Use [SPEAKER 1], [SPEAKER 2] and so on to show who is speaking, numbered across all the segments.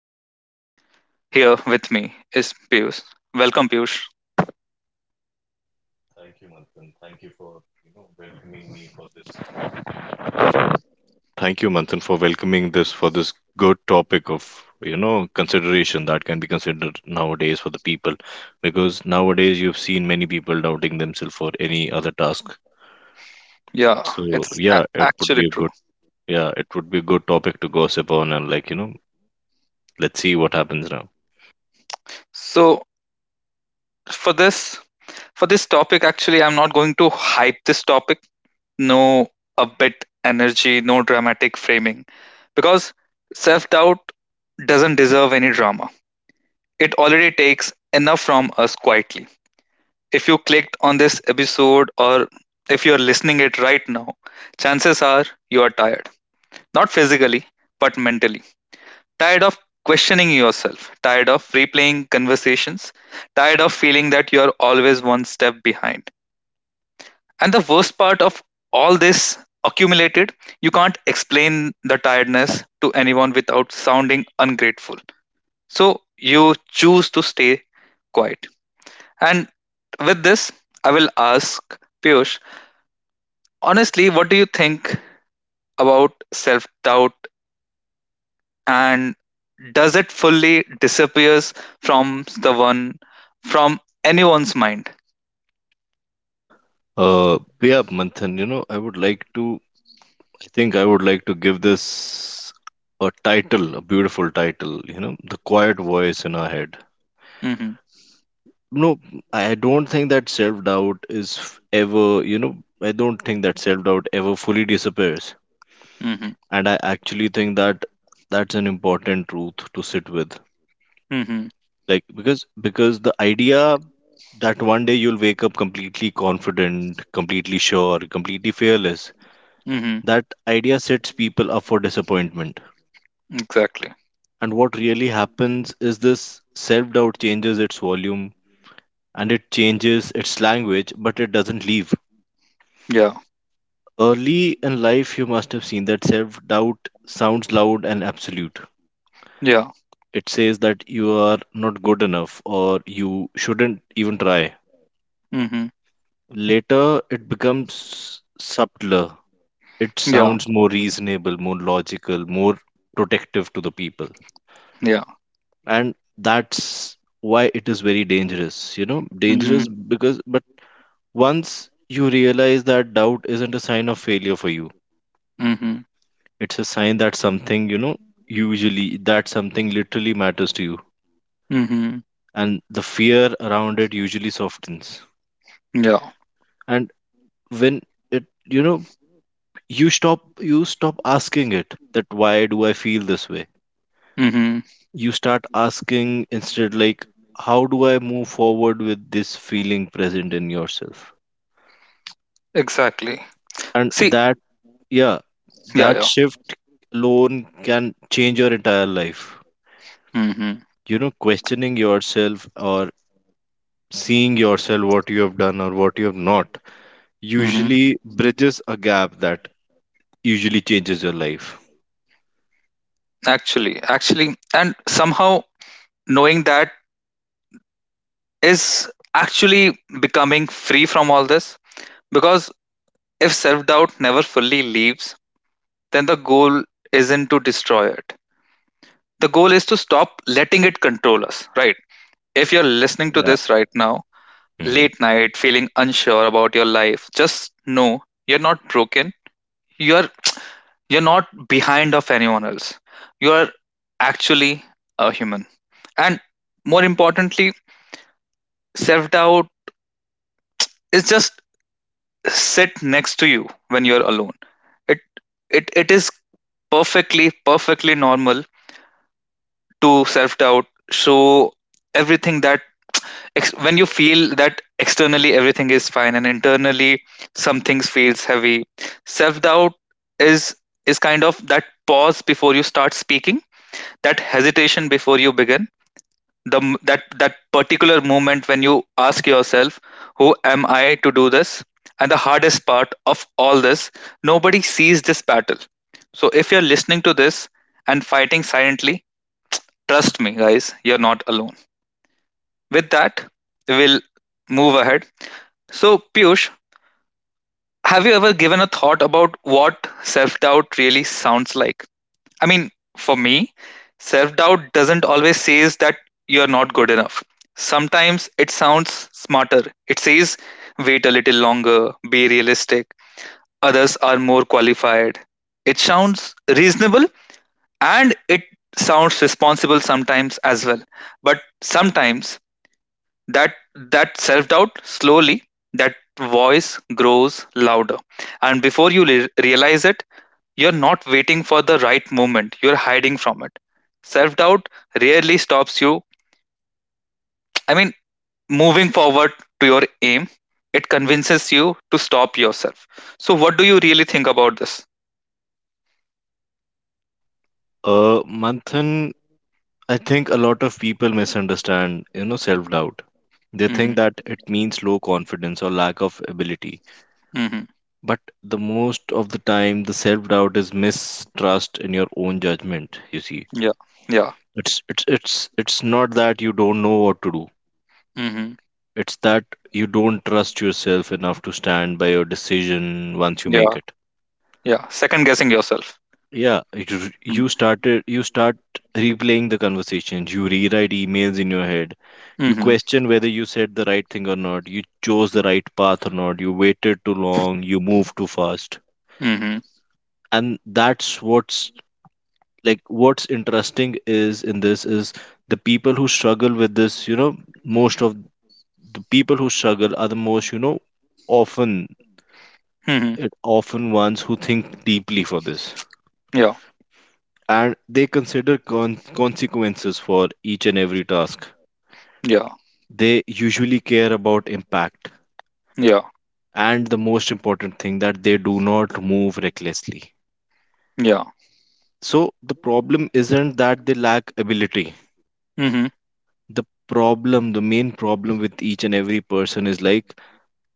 [SPEAKER 1] does. Here with me is Piyush. Welcome, Piyush.
[SPEAKER 2] Thank you, Manthan. Thank you for welcoming me for this. Thank you, Manthan, for welcoming this for this good topic of consideration that can be considered nowadays for the people, because nowadays you've seen many people doubting themselves for any other task.
[SPEAKER 1] Yeah,
[SPEAKER 2] So
[SPEAKER 1] it's
[SPEAKER 2] yeah, it would be
[SPEAKER 1] actually
[SPEAKER 2] a
[SPEAKER 1] true.
[SPEAKER 2] good yeah, it would be a good topic to gossip on and let's see what happens now.
[SPEAKER 1] So for this for this topic, actually, I'm not going to hype this topic. No a bit energy, no dramatic framing, because self doubt doesn't deserve any drama. It already takes enough from us quietly. If you clicked on this episode or if you're listening it right now, chances are you are tired. Not physically, but mentally. Tired of questioning yourself, tired of replaying conversations, tired of feeling that you're always one step behind. And the worst part of all this accumulated, you can't explain the tiredness to anyone without sounding ungrateful. So you choose to stay quiet. And with this, I will ask Piyush, honestly, what do you think about self doubt and does it fully disappears from the one from anyone's mind?
[SPEAKER 2] Yeah, Manthan, I would like to I would like to give this a title, a beautiful title, you know, the Quiet Voice in Our Head.
[SPEAKER 1] Mhm.
[SPEAKER 2] No, I don't think that self doubt is f- ever, you know, I don't think that self doubt ever fully disappears.
[SPEAKER 1] Mhm.
[SPEAKER 2] And I actually think that that's an important truth to sit with.
[SPEAKER 1] Mhm.
[SPEAKER 2] Like, because the idea that one day you'll wake up completely confident, completely sure, completely fearless,
[SPEAKER 1] Mhm.
[SPEAKER 2] that idea sets people up for disappointment.
[SPEAKER 1] Exactly.
[SPEAKER 2] And what really happens is this self doubt changes its volume and it changes its language, but it doesn't leave.
[SPEAKER 1] Yeah,
[SPEAKER 2] Early in life, you must have seen that self doubt sounds loud and absolute.
[SPEAKER 1] yeah.
[SPEAKER 2] It says that you are not good enough or you shouldn't even try.
[SPEAKER 1] Mhm.
[SPEAKER 2] Later, it becomes subtler. It
[SPEAKER 1] Yeah,
[SPEAKER 2] sounds more reasonable, more logical, more protective to the people.
[SPEAKER 1] yeah.
[SPEAKER 2] And that's why it is very dangerous, you know
[SPEAKER 1] Mhm.
[SPEAKER 2] dangerous because but once you realize that doubt isn't a sign of failure for you,
[SPEAKER 1] Mhm.
[SPEAKER 2] it's a sign that something you know usually that something literally matters to you,
[SPEAKER 1] Mhm.
[SPEAKER 2] and the fear around it usually softens.
[SPEAKER 1] Yeah.
[SPEAKER 2] And when it you know you stop asking it, that why do I feel this way?
[SPEAKER 1] Mhm.
[SPEAKER 2] You start asking instead, like, how do I move forward with this feeling present in yourself?
[SPEAKER 1] Exactly.
[SPEAKER 2] And
[SPEAKER 1] See.
[SPEAKER 2] that yeah
[SPEAKER 1] Yeah,
[SPEAKER 2] That
[SPEAKER 1] yeah.
[SPEAKER 2] shift alone can change your entire life.
[SPEAKER 1] Mhm.
[SPEAKER 2] You know, questioning yourself or seeing yourself what you have done or what you have not
[SPEAKER 1] Mhm.
[SPEAKER 2] usually bridges a gap that usually changes your life.
[SPEAKER 1] Actually, and somehow knowing that is actually becoming free from all this, because if self doubt never fully leaves, then the goal isn't to destroy it. The goal is to stop letting it control us, right? If you're listening to
[SPEAKER 2] yeah
[SPEAKER 1] this right now,
[SPEAKER 2] hmm
[SPEAKER 1] late night, feeling unsure about your life, just know you're not broken. You're you're not behind of anyone else. You're actually a human. And more importantly, self-doubt is just sit next to you when you're alone. It it is perfectly normal to self-doubt, so everything that when you feel that externally everything is fine and internally something feels heavy, self-doubt is is kind of that pause before you start speaking, that hesitation before you begin, the m- that that particular moment when you ask yourself, who am I to do this? And the hardest part of all this, nobody sees this battle. So if you're listening to this and fighting silently, trust me guys, you're not alone. With that, we'll move ahead. So, Piyush, have you ever given a thought about what self doubt really sounds like? I mean, for me, self doubt doesn't always say that you're not good enough. Sometimes it sounds smarter. It says, wait a little longer, be realistic, others are more qualified. It sounds reasonable and it sounds responsible sometimes as well. But sometimes That that self-doubt slowly, that voice grows louder, and before you realize it, you're not waiting for the right moment, you're hiding from it. Self-doubt rarely stops you, I mean, moving forward to your aim. It convinces you to stop yourself. So what do you really think about this?
[SPEAKER 2] uh Manthan, I think a lot of people misunderstand, self doubt. They
[SPEAKER 1] Mm-hmm.
[SPEAKER 2] think that it means low confidence or lack of ability,
[SPEAKER 1] Mm-hmm.
[SPEAKER 2] but the most of the time the self doubt is mistrust in your own judgment, you see.
[SPEAKER 1] Yeah, yeah.
[SPEAKER 2] It's it's it's it's not that you don't know what to do.
[SPEAKER 1] Mm-hmm.
[SPEAKER 2] It's that you don't trust yourself enough to stand by your decision once you
[SPEAKER 1] Yeah,
[SPEAKER 2] make it.
[SPEAKER 1] yeah, second guessing yourself.
[SPEAKER 2] Yeah,
[SPEAKER 1] Mm-hmm.
[SPEAKER 2] you start replaying the conversations, you rewrite emails in your head. You
[SPEAKER 1] Mm-hmm.
[SPEAKER 2] question whether you said the right thing or not, you chose the right path or not, you waited too long, you moved too fast.
[SPEAKER 1] Mm-hmm.
[SPEAKER 2] And that's what's like what's interesting is in this is the people who struggle with this, you know, most of the people who struggle are the most, you know, often
[SPEAKER 1] Mm-hmm.
[SPEAKER 2] it often ones who think deeply for this,
[SPEAKER 1] Yeah,
[SPEAKER 2] and they consider consequences for each and every task.
[SPEAKER 1] yeah,
[SPEAKER 2] They usually care about impact,
[SPEAKER 1] yeah,
[SPEAKER 2] and the most important thing that they do not move recklessly.
[SPEAKER 1] yeah.
[SPEAKER 2] So the problem isn't that they lack ability,
[SPEAKER 1] Mm-hmm.
[SPEAKER 2] the problem, the main problem with each and every person is like,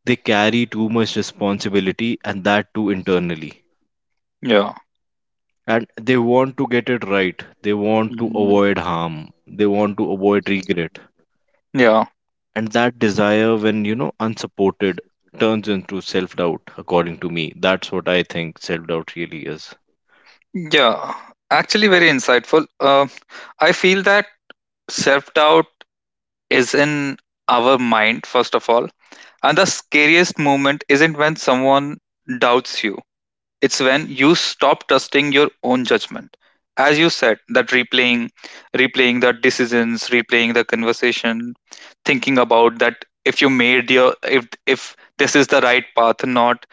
[SPEAKER 2] they carry too much responsibility, and that too internally.
[SPEAKER 1] Yeah.
[SPEAKER 2] And they want to get it right, they want to
[SPEAKER 1] Mhm.
[SPEAKER 2] avoid harm, they want to avoid regret.
[SPEAKER 1] Yeah.
[SPEAKER 2] And that desire, when unsupported, turns into self doubt. According to me, that's what I think self doubt really is.
[SPEAKER 1] Yeah. Actually, very insightful. I feel that self doubt is in our mind, first of all. And the scariest moment isn't when someone doubts you, it's when you stop trusting your own judgment. As you said, that replaying, replaying the decisions, replaying the conversation, thinking about that if you made your if this is the right path or not.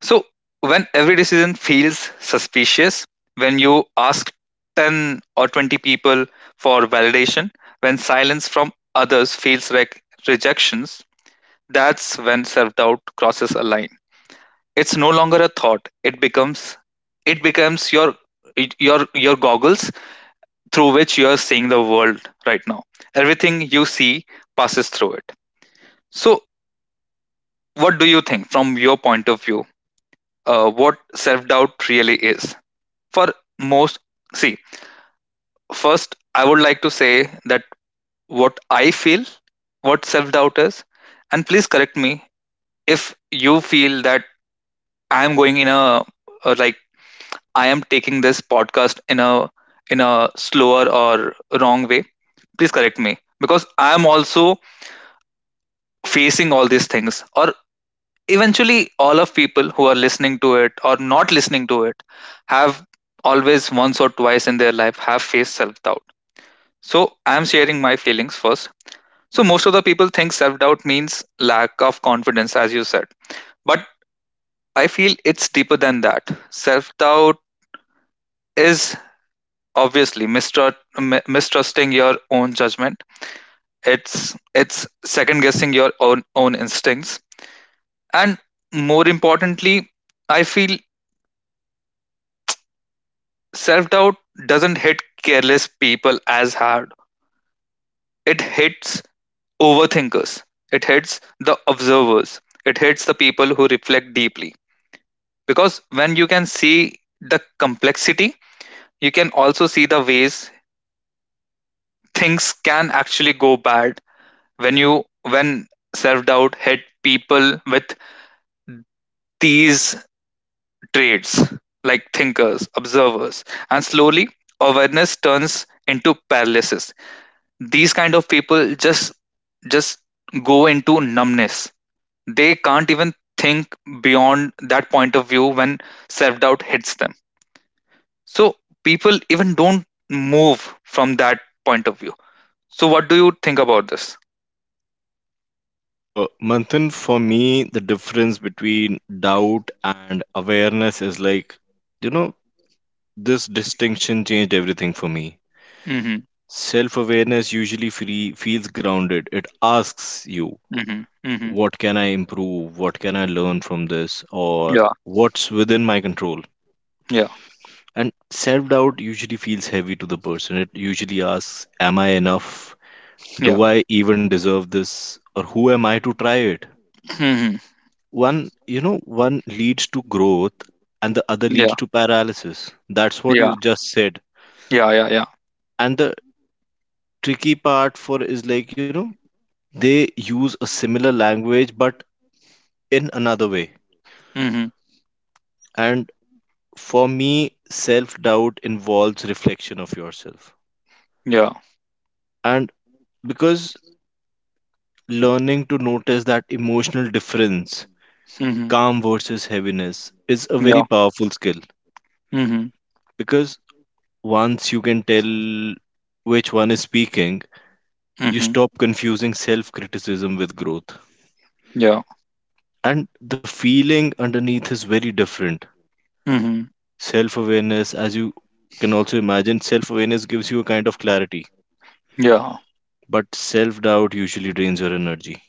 [SPEAKER 1] So when every decision feels suspicious, when you ask 10 or 20 people for validation, when silence from others feels like rejections, that's when self-doubt crosses a line. It's no longer a thought. It becomes your goggles through which you are seeing the world right now. Everything you see passes through it. So what do you think from your point of view? What self doubt really is? For most, see, first, I would like to say that what I feel, what self doubt is, and please correct me if you feel that I am going in a, like, I am taking this podcast in a slower or wrong way, please correct me, because I am also facing all these things, or eventually all of people who are listening to it or not listening to it have always once or twice in their life have faced self doubt. So I'm sharing my feelings first. So most of the people think self-doubt means lack of confidence, as you said. But I feel it's deeper than that. Self-doubt is obviously mistrust, mistrusting your own judgment. It's second guessing your own instincts. And more importantly, I feel self-doubt doesn't hit careless people as hard. It hits overthinkers, it hits the observers, it hits the people who reflect deeply. Because when you can see the complexity, you can also see the ways things can actually go bad when you when self-doubt hit people with these traits like thinkers, observers, and slowly awareness turns into paralysis. These kind of people just just go into numbness, they can't even think beyond that point of view when self doubt hits them. So people even don't move from that point of view. So what do you think about this?
[SPEAKER 2] Manthan, for me, the difference between doubt and awareness is like, you know, this distinction changed everything for me.
[SPEAKER 1] Hmm.
[SPEAKER 2] Self awareness usually feels grounded. It asks you,
[SPEAKER 1] Hmm. Hmm.
[SPEAKER 2] what can I improve? What can I learn from this? Or
[SPEAKER 1] Yeah.
[SPEAKER 2] what's within my control?
[SPEAKER 1] Yeah.
[SPEAKER 2] And self doubt usually feels heavy to the person. It usually asks, am I enough?
[SPEAKER 1] Yeah.
[SPEAKER 2] Do I even deserve this? Or who am I to try it?
[SPEAKER 1] Hmm.
[SPEAKER 2] One you know one leads to growth and the other
[SPEAKER 1] Yeah.
[SPEAKER 2] leads to paralysis, that's what
[SPEAKER 1] Yeah.
[SPEAKER 2] you just said.
[SPEAKER 1] Yeah. Yeah. Yeah.
[SPEAKER 2] And the tricky part for is like you know they use a similar language but in another way.
[SPEAKER 1] Hmm.
[SPEAKER 2] And for me, self doubt involves reflection of yourself.
[SPEAKER 1] Yeah.
[SPEAKER 2] And because learning to notice that emotional difference,
[SPEAKER 1] Hmm.
[SPEAKER 2] calm versus heaviness, is a
[SPEAKER 1] Yeah.
[SPEAKER 2] very powerful skill,
[SPEAKER 1] Hmm.
[SPEAKER 2] because once you can tell which one is speaking, you
[SPEAKER 1] Hmm.
[SPEAKER 2] stop confusing self criticism with growth.
[SPEAKER 1] Yeah.
[SPEAKER 2] And the feeling underneath is very different.
[SPEAKER 1] Hmm.
[SPEAKER 2] Self awareness, as you can also imagine, self awareness gives you a kind of clarity,
[SPEAKER 1] Yeah.
[SPEAKER 2] but self doubt usually drains your energy.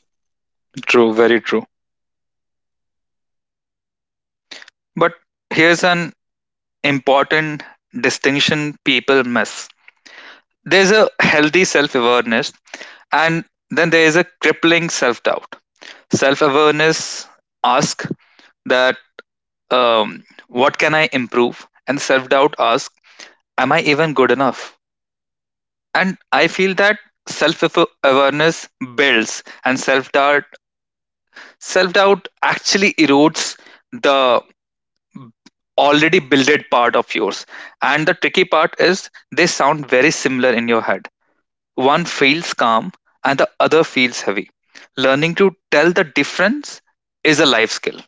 [SPEAKER 1] True. Very true. But here's an important distinction people miss. There's a healthy self awareness, and then there is a crippling self doubt. Self awareness asks that, what can I improve? And self doubt asks, am I even good enough? And I feel that self awareness builds and self doubt actually erodes the already builded part of yours, and the tricky part is they sound very similar in your head. One feels calm and the other feels heavy. Learning to tell the difference is a life skill.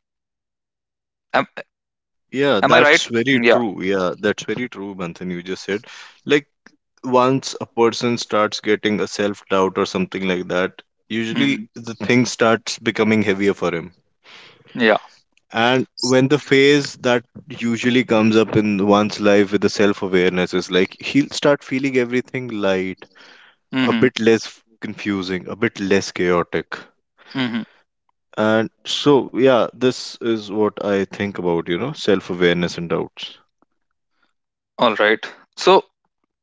[SPEAKER 1] Am,
[SPEAKER 2] Y- Yeah,
[SPEAKER 1] am I right?
[SPEAKER 2] that's very
[SPEAKER 1] Yeah.
[SPEAKER 2] true. Yeah, that's very true, Manthan. You just said, like, once a person starts getting a self doubt or something like that, usually
[SPEAKER 1] Hmm.
[SPEAKER 2] the thing starts becoming heavier for him.
[SPEAKER 1] Yeah.
[SPEAKER 2] And when the phase that usually comes up in one's life with the self awareness is, like, he'll start feeling everything light, a
[SPEAKER 1] Hmm.
[SPEAKER 2] bit less confusing, a bit less chaotic.
[SPEAKER 1] Hmm.
[SPEAKER 2] And so, yeah, this is what I think about, self awareness and doubts.
[SPEAKER 1] All right. So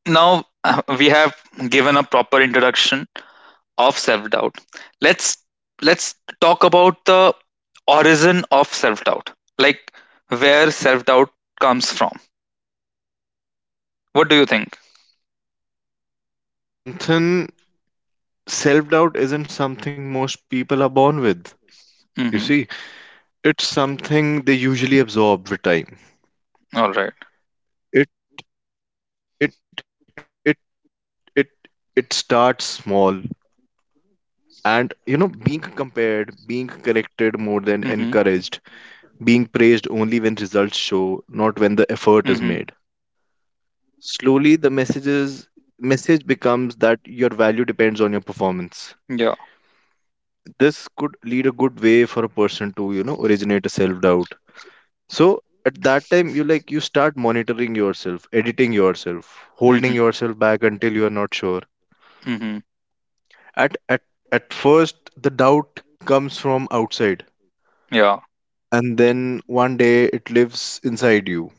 [SPEAKER 1] now we have given a proper introduction of self doubt. Let's let's talk about the origin of self doubt, like where self doubt comes from. What do you think?
[SPEAKER 2] Manthan, self doubt isn't something most people are born with. You see,
[SPEAKER 1] Mm-hmm.
[SPEAKER 2] it's something they usually absorb with time.
[SPEAKER 1] All right.
[SPEAKER 2] It, it, it, it, it starts small. And being compared, being corrected more than encouraged,
[SPEAKER 1] Mm-hmm.
[SPEAKER 2] being praised only when results show, not when the effort is made.
[SPEAKER 1] Mm-hmm.
[SPEAKER 2] Slowly, the message becomes that your value depends on your performance.
[SPEAKER 1] Yeah.
[SPEAKER 2] This could lead a good way for a person to, originate a self doubt. So at that time, you start monitoring yourself, editing yourself, holding
[SPEAKER 1] Mm-hmm.
[SPEAKER 2] yourself back until you are not sure.
[SPEAKER 1] Mm-hmm.
[SPEAKER 2] At at at first, the doubt comes from outside,
[SPEAKER 1] Yeah.
[SPEAKER 2] and then one day it lives inside you.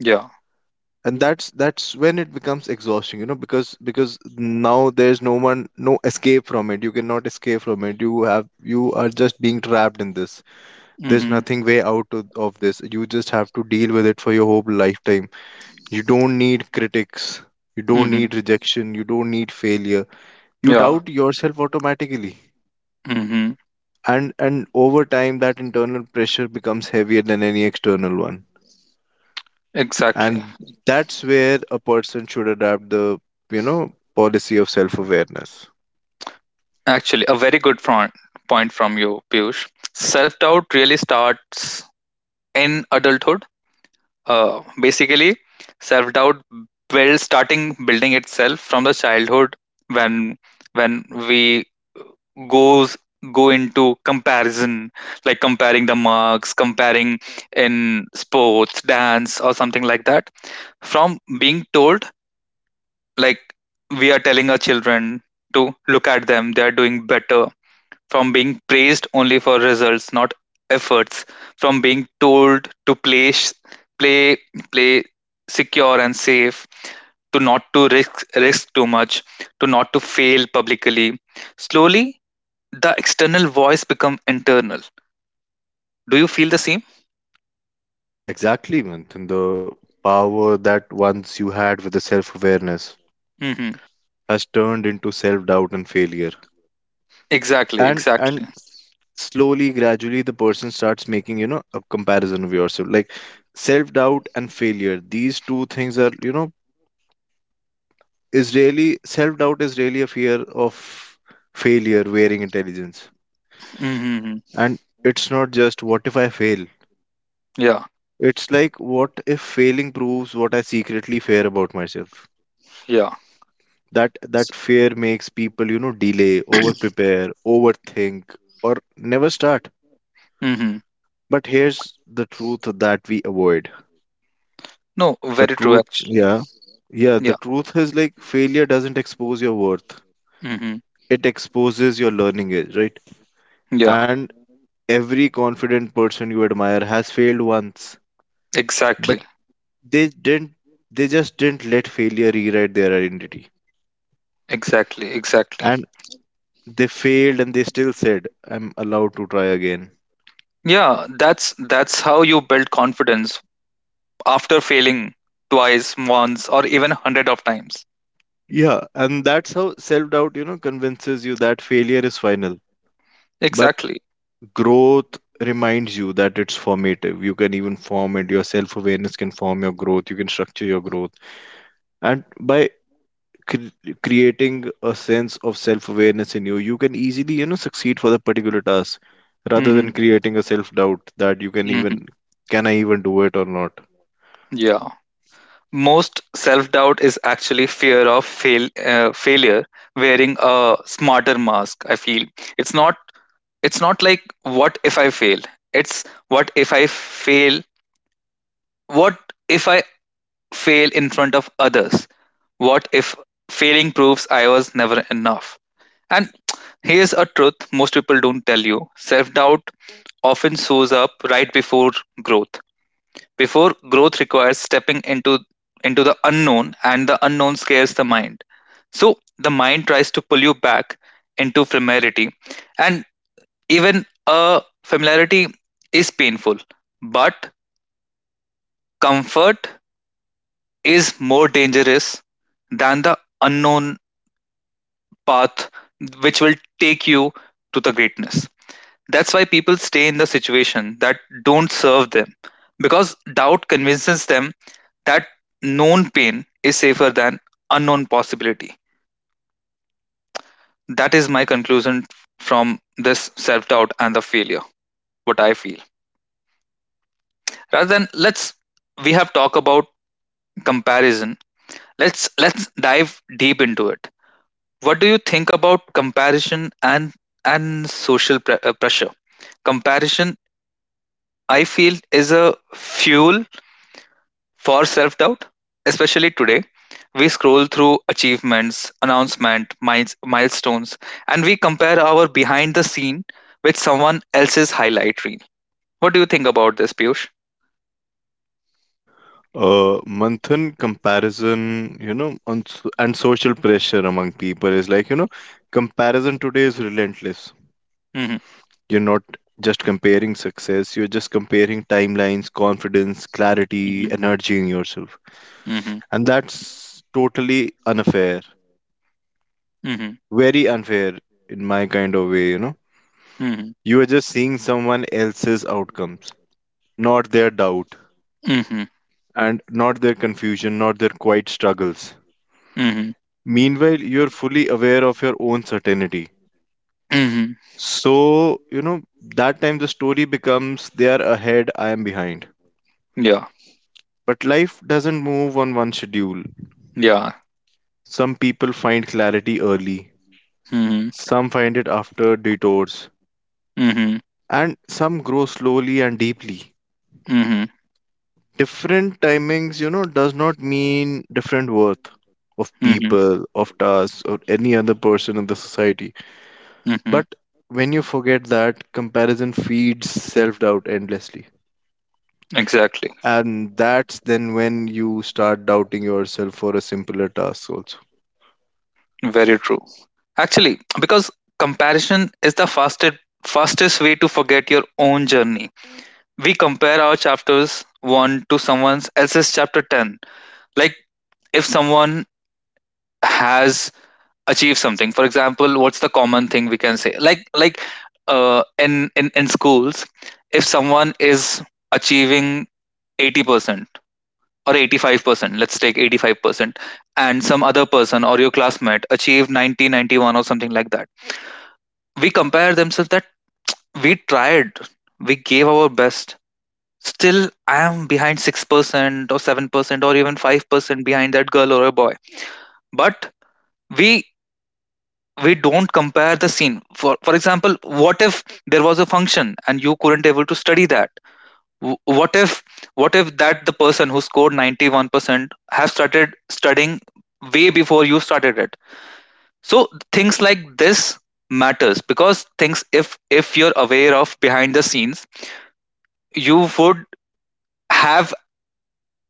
[SPEAKER 1] Yeah.
[SPEAKER 2] And that's when it becomes exhausting, you know, because now there's no one no escape from it, you cannot escape from it. You are just being trapped in this, there's
[SPEAKER 1] Mm-hmm.
[SPEAKER 2] nothing way out of this, you just have to deal with it for your whole lifetime. You don't need critics, you don't
[SPEAKER 1] Mhm.
[SPEAKER 2] need rejection, you don't need failure, you
[SPEAKER 1] Yeah.
[SPEAKER 2] doubt yourself automatically.
[SPEAKER 1] Mhm.
[SPEAKER 2] And over time, that internal pressure becomes heavier than any external one.
[SPEAKER 1] Exactly.
[SPEAKER 2] And that's where a person should adapt the, policy of self awareness.
[SPEAKER 1] Actually, a very good point from you, Piyush. Self doubt really starts in adulthood. Basically, self doubt will starting building itself from the childhood when we goes go into comparison, like comparing the marks, comparing in sports, dance, or something like that, from being told like we are telling our children to look at them, they are doing better, from being praised only for results, not efforts, from being told to play sh- play play secure and safe, to not to risk too much, to not to fail publicly, slowly the external voice become internal. Do you feel the same?
[SPEAKER 2] Yeah, exactly, Manthan. The power that once you had with the self awareness
[SPEAKER 1] Hmm.
[SPEAKER 2] has turned into self doubt and failure.
[SPEAKER 1] Exactly,
[SPEAKER 2] And
[SPEAKER 1] exactly.
[SPEAKER 2] slowly, gradually, the person starts making, you know, a comparison of yourself, like, self doubt and failure, these two things are, you know, is really, self doubt is really a fear of failure wearing intelligence.
[SPEAKER 1] Hmm.
[SPEAKER 2] And it's not just, what if I fail?
[SPEAKER 1] Yeah.
[SPEAKER 2] It's like, what if failing proves what I secretly fear about myself?
[SPEAKER 1] Yeah.
[SPEAKER 2] That fear makes people, you know, delay, over prepare overthink, or never start.
[SPEAKER 1] Hmm.
[SPEAKER 2] But here's the truth that we avoid.
[SPEAKER 1] No,
[SPEAKER 2] The
[SPEAKER 1] very true
[SPEAKER 2] truth
[SPEAKER 1] actually.
[SPEAKER 2] yeah Yeah, the
[SPEAKER 1] Yeah.
[SPEAKER 2] truth is, like, failure doesn't expose your worth,
[SPEAKER 1] Hmm.
[SPEAKER 2] it exposes your learning edge, right?
[SPEAKER 1] Yeah,
[SPEAKER 2] And every confident person you admire has failed once,
[SPEAKER 1] exactly.
[SPEAKER 2] but they didn't they just didn't let failure rewrite their identity.
[SPEAKER 1] Exactly, exactly.
[SPEAKER 2] And they failed and they still said, I'm allowed to try again.
[SPEAKER 1] Yeah, that's how you build confidence after failing twice, once, or even hundred of times.
[SPEAKER 2] Yeah, and that's how self-doubt, you know, convinces you that failure is final. But
[SPEAKER 1] Exactly.
[SPEAKER 2] growth reminds you that it's formative. You can even form it. Your self-awareness can form your growth. You can structure your growth. And by creating a sense of self-awareness in you, you can easily, you know, succeed for the particular task, rather
[SPEAKER 1] Hmm.
[SPEAKER 2] than creating a self-doubt that you can even,
[SPEAKER 1] Hmm.
[SPEAKER 2] can I even do it or not?
[SPEAKER 1] Yeah. Most self-doubt is actually fear of failure, wearing a smarter mask, I feel. It's not it's not like what if I fail? It's what if I fail? What if I fail in front of others? What if failing proves I was never enough? And here's a truth most people don't tell you, self doubt often shows up right before growth. Before growth requires stepping into the unknown and the unknown scares the mind. So the mind tries to pull you back into familiarity, and even a familiarity is painful, but comfort is more dangerous than the unknown path which will take you to the greatness. That's why people stay in the situation that don't serve them because doubt convinces them that known pain is safer than unknown possibility. That is my conclusion from this self doubt and the failure, what I feel. Rather than let's we have talked about comparison, let's dive deep into it. What do you think about comparison and social pressure? Comparison, I feel, is a fuel for self doubt, especially today. We scroll through achievements, announcement, miles, milestones, and we compare our behind the scene with someone else's highlight reel. What do you think about this, Piyush?
[SPEAKER 2] uh Manthan, comparison, and social pressure among people is, like, you know, comparison today is relentless.
[SPEAKER 1] Mm-hmm,
[SPEAKER 2] You're not just comparing success, you're just comparing timelines, confidence, clarity, energy in yourself.
[SPEAKER 1] mm-hmm,
[SPEAKER 2] And that's totally unfair,
[SPEAKER 1] mm-hmm,
[SPEAKER 2] very unfair in my kind of way, you know.
[SPEAKER 1] mm-hmm,
[SPEAKER 2] You are just seeing someone else's outcomes, not their doubt,
[SPEAKER 1] mm-hmm, mm-hmm,
[SPEAKER 2] and not their confusion, not their quiet struggles.
[SPEAKER 1] mm-hmm.
[SPEAKER 2] Meanwhile, you're fully aware of your own certainty.
[SPEAKER 1] Mm-hmm.
[SPEAKER 2] So, you know, that time the story becomes, they are ahead, I am behind.
[SPEAKER 1] Yeah,
[SPEAKER 2] But life doesn't move on one schedule.
[SPEAKER 1] yeah.
[SPEAKER 2] Some people find clarity early,
[SPEAKER 1] Mm-hmm,
[SPEAKER 2] some find it after detours,
[SPEAKER 1] mm-hmm,
[SPEAKER 2] and some grow slowly and deeply.
[SPEAKER 1] mm-hmm,
[SPEAKER 2] Different timings, you know, does not mean different worth of
[SPEAKER 1] mm-hmm.
[SPEAKER 2] people, of tasks, or any other person in the society.
[SPEAKER 1] Mm-hmm.
[SPEAKER 2] But when you forget that, comparison feeds self doubt endlessly.
[SPEAKER 1] Exactly.
[SPEAKER 2] And that's then when you start doubting yourself for a simpler task also.
[SPEAKER 1] Very true. Actually, because comparison is the fastest way to forget your own journey. We compare our chapters 1 to someone else's chapter 10. Like if someone has achieved something, for example what's the common thing we can say, like, in schools, if someone is achieving 80% or 85%, let's take 85%, and some other person or your classmate achieved 90, 91 or something like that. We compare themselves that we tried, we gave our best. Still, I am behind 6% or 7% or even 5% behind that girl or a boy. But we we don't compare the scene. For example, what if there was a function and you couldn't able to study that? W- what if what if that the person who scored 91% have started studying way before you started it? So things like this matters, because things, if you're aware of behind the scenes, you would have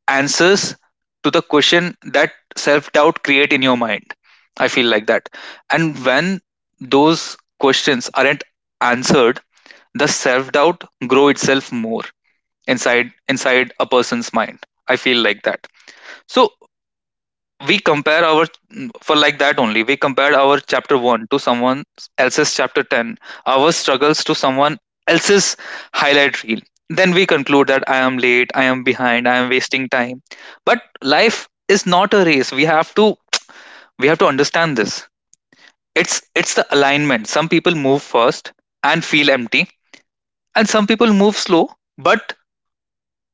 [SPEAKER 1] answers to the question that self doubt create in your mind, I feel like that. And when those questions aren't answered, the self doubt grow itself more inside a person's mind, I feel like that. So we compare our, for like that only. We compare our chapter one to someone else's chapter ten, our struggles to someone else's highlight reel. Then we conclude that I am late, I am behind, I am wasting time. But life is not a race. We have to understand this. It's the alignment. Some people move first and feel empty, and some people move slow, but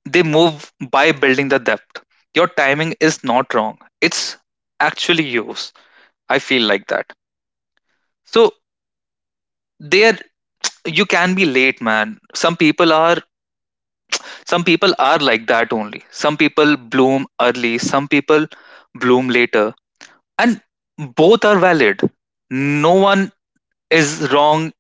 [SPEAKER 1] they move by building the depth. Your timing is not wrong. It's actually yours, I feel like that. So there, you can be late, man. Some people are like that only. Some people bloom early, some people bloom later. And both are valid. No one is wrong.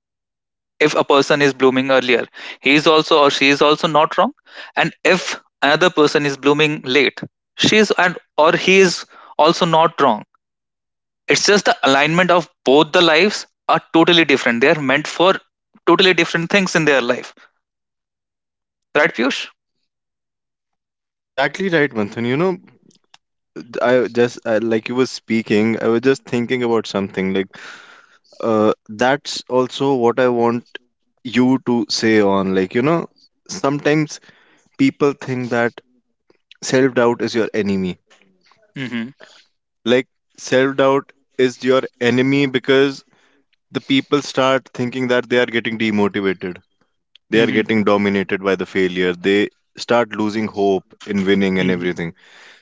[SPEAKER 1] If a person is blooming earlier, he is also or she is also not wrong. And if another person is blooming late, she is, and or he is, also not wrong. It's just the alignment of both the lives are totally different. They are meant for totally different things in their life. Right, Piyush?
[SPEAKER 2] Exactly right, Manthan. You know, like you were speaking, I was just thinking about something like, that's also what I want you to say on, like, you know, sometimes people think that self doubt is your enemy.
[SPEAKER 1] Mm-hmm.
[SPEAKER 2] Like, self doubt is your enemy because the people start thinking that they are getting demotivated, they are
[SPEAKER 1] Mm-hmm.
[SPEAKER 2] getting dominated by the failure, they start losing hope in winning and
[SPEAKER 1] Mm-hmm.
[SPEAKER 2] everything.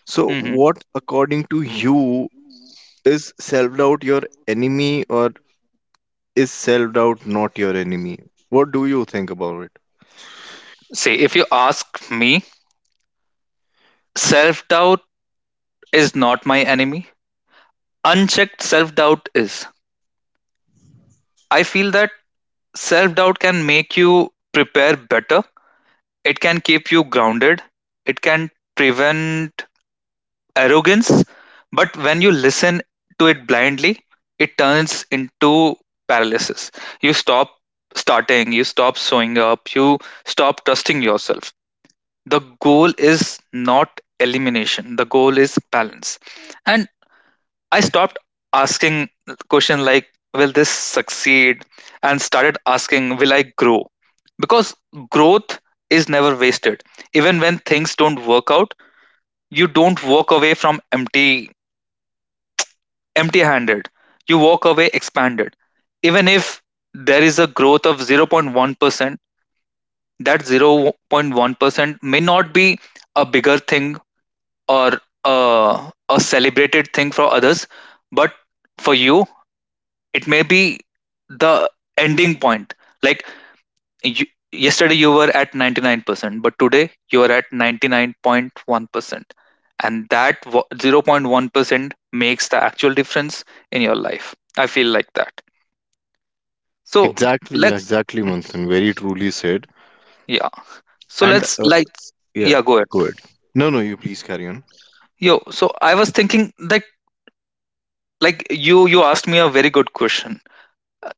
[SPEAKER 2] So,
[SPEAKER 1] Mm-hmm.
[SPEAKER 2] what, according to you, is self doubt your enemy, or is self doubt not your enemy? What do you think about it?
[SPEAKER 1] See, if you ask me, self doubt is not my enemy. Unchecked self doubt is. I feel that self doubt can make you prepare better, it can keep you grounded, it can prevent arrogance, but when you listen to it blindly, it turns into paralysis. You stop starting, you stop showing up, you stop trusting yourself. The goal is not elimination, the goal is balance. And I stopped asking question like, will this succeed? And started asking, will I grow? Because growth is never wasted. Even when things don't work out, you don't walk away from empty-handed, you walk away expanded. Even if there is a growth of 0.1%, that 0.1% may not be a bigger thing or a celebrated thing for others, but for you, it may be the ending point. Like you, yesterday you were at 99%, but today you are at 99.1%. And that 0.1% makes the actual difference in your life. I feel like that. So
[SPEAKER 2] Exactly, yeah,
[SPEAKER 1] let's,
[SPEAKER 2] exactly, Manthan. Very truly said.
[SPEAKER 1] yeah. So
[SPEAKER 2] And
[SPEAKER 1] let's, like,
[SPEAKER 2] yeah,
[SPEAKER 1] yeah, go ahead.
[SPEAKER 2] go ahead. No, no, you please carry on.
[SPEAKER 1] Yo, so I was thinking that, like, you asked me a very good question.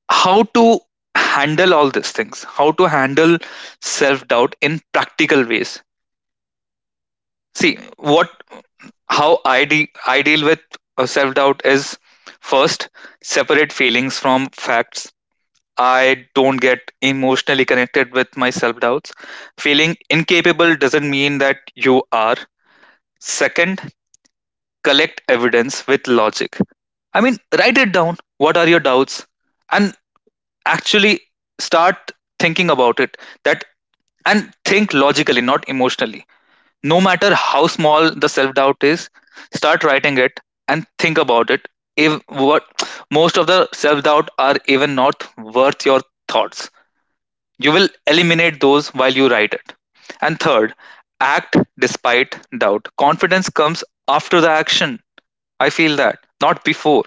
[SPEAKER 1] How to handle all these things? How to handle self-doubt in practical ways? See, what, how I deal with self-doubt is, first, separate feelings from facts. I don't get emotionally connected with my self-doubts. Feeling incapable doesn't mean that you are. Second, collect evidence with logic. I mean, write it down. What are your doubts? And actually start thinking about it. That And think logically, not emotionally. No matter how small the self doubt is, start writing it and think about it. If what Most of the self doubt are even not worth your thoughts, you will eliminate those while you write it. And third, act despite doubt. Confidence comes after the action, I feel that, not before.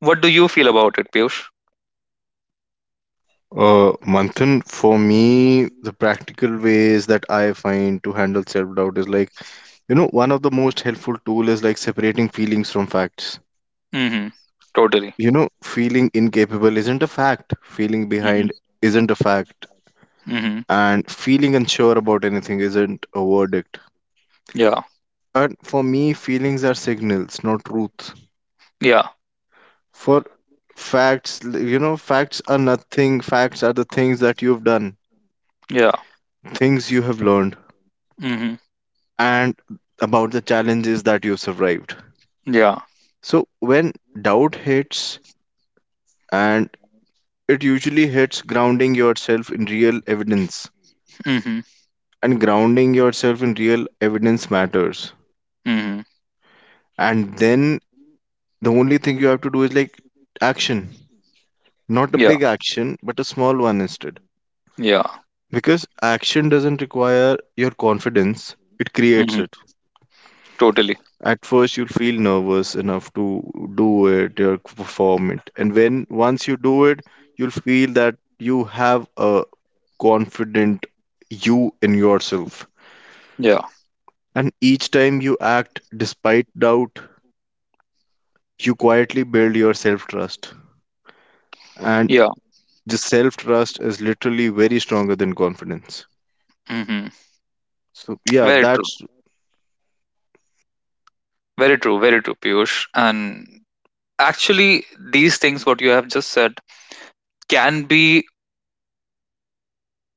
[SPEAKER 1] What do you feel about it, Piyush?
[SPEAKER 2] Manthan, for me, the practical ways that I find to handle self-doubt is, like, you know, one of the most helpful tool is, like, separating feelings from facts.
[SPEAKER 1] Mm-hmm. Totally.
[SPEAKER 2] You know, feeling incapable isn't a fact. Feeling behind
[SPEAKER 1] Mm-hmm.
[SPEAKER 2] isn't a fact.
[SPEAKER 1] Mm-hmm.
[SPEAKER 2] And feeling unsure about anything isn't a verdict.
[SPEAKER 1] Yeah.
[SPEAKER 2] And for me, feelings are signals, not truth.
[SPEAKER 1] Yeah.
[SPEAKER 2] For facts, you know, facts are nothing. Facts are the things that you've done,
[SPEAKER 1] Yeah.
[SPEAKER 2] things you have learned,
[SPEAKER 1] Mm-hmm.
[SPEAKER 2] and about the challenges that you survived.
[SPEAKER 1] Yeah.
[SPEAKER 2] So, when doubt hits, and it usually hits, grounding yourself in real evidence,
[SPEAKER 1] Mm-hmm.
[SPEAKER 2] and grounding yourself in real evidence matters.
[SPEAKER 1] Mm-hmm.
[SPEAKER 2] And then the only thing you have to do is, like, action, not a
[SPEAKER 1] Yeah.
[SPEAKER 2] big action, but a small one instead.
[SPEAKER 1] Yeah.
[SPEAKER 2] Because action doesn't require your confidence, it
[SPEAKER 1] Mm-hmm.
[SPEAKER 2] creates it.
[SPEAKER 1] Totally.
[SPEAKER 2] At first you'll feel nervous enough to do it or perform it, and when once you do it, you'll feel that you have a confident you in yourself.
[SPEAKER 1] Yeah.
[SPEAKER 2] And each time you act despite doubt, you quietly build your self trust. And
[SPEAKER 1] Yeah.
[SPEAKER 2] the self trust is literally very stronger than confidence.
[SPEAKER 1] Mm-hmm.
[SPEAKER 2] So yeah
[SPEAKER 1] Very true.
[SPEAKER 2] that's
[SPEAKER 1] Very true. Very true, Piyush. And actually, these things, what you have just said, can be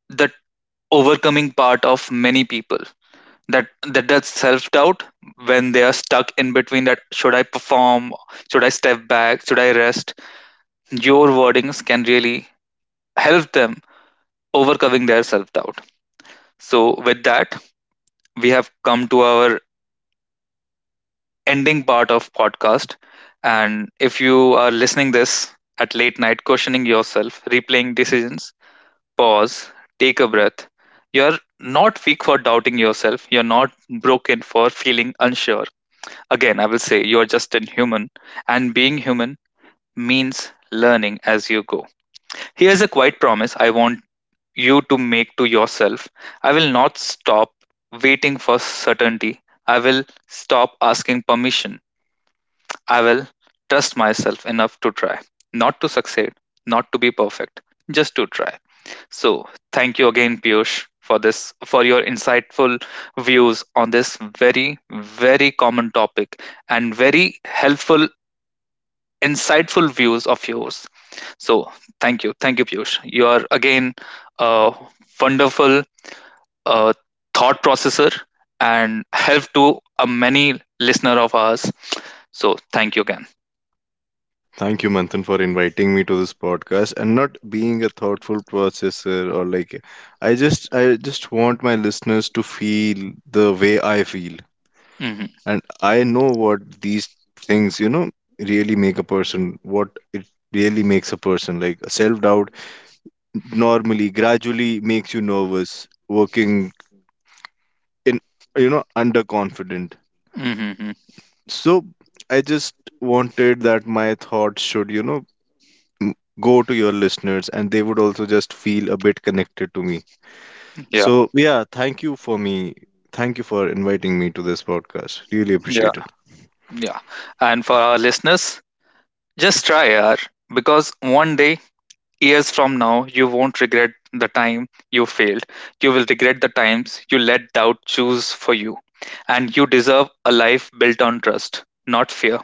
[SPEAKER 1] the overcoming part of many people, that that does self-doubt, when they are stuck in between that should I perform, should I step back, should I rest, your wordings can really help them overcoming their self-doubt. So with that, we have come to our ending part of podcast. And if you are listening this at late night, questioning yourself, replaying decisions, pause, take a breath. You're not weak for doubting yourself, you're not broken for feeling unsure. Again, I will say, you are just a human, and being human means learning as you go. Here's a quiet promise I want you to make to yourself. I will not stop waiting for certainty. I will stop asking permission. I will trust myself enough to try, not to succeed, not to be perfect, just to try. So, thank you again, Piyush, for this, for your insightful views on this very, very common topic, and very helpful insightful views of yours. So, thank you, Piyush. You are again a wonderful uh, thought processor and help to a many listener of ours. So thank you again.
[SPEAKER 2] Thank you, Manthan, for inviting me to this podcast and not being a thoughtful processor or like, I just want my listeners to feel the way I feel.
[SPEAKER 1] Hmm.
[SPEAKER 2] And I know what these things, you know, really make a person, what it really makes a person. Like self-doubt normally gradually makes you nervous, working in, you know, underconfident.
[SPEAKER 1] Hmm.
[SPEAKER 2] So I just wanted that my thoughts should, you know, m- go to your listeners and they would also just feel a bit connected to me.
[SPEAKER 1] Yeah,
[SPEAKER 2] So, yeah, Thank you for inviting me to this podcast. Really
[SPEAKER 1] yeah,
[SPEAKER 2] appreciate it.
[SPEAKER 1] yeah. And for our listeners, just try, yaar, because one day, years from now, you won't regret the time you failed. You will regret the times you let doubt choose for you. And you deserve a life built on trust, not fear.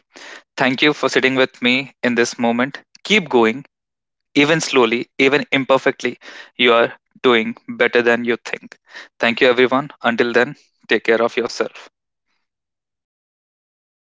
[SPEAKER 1] Thank you for sitting with me in this moment. Keep going, even slowly, even imperfectly. You are doing better than you think. Thank you, everyone. Until then, take care of yourself.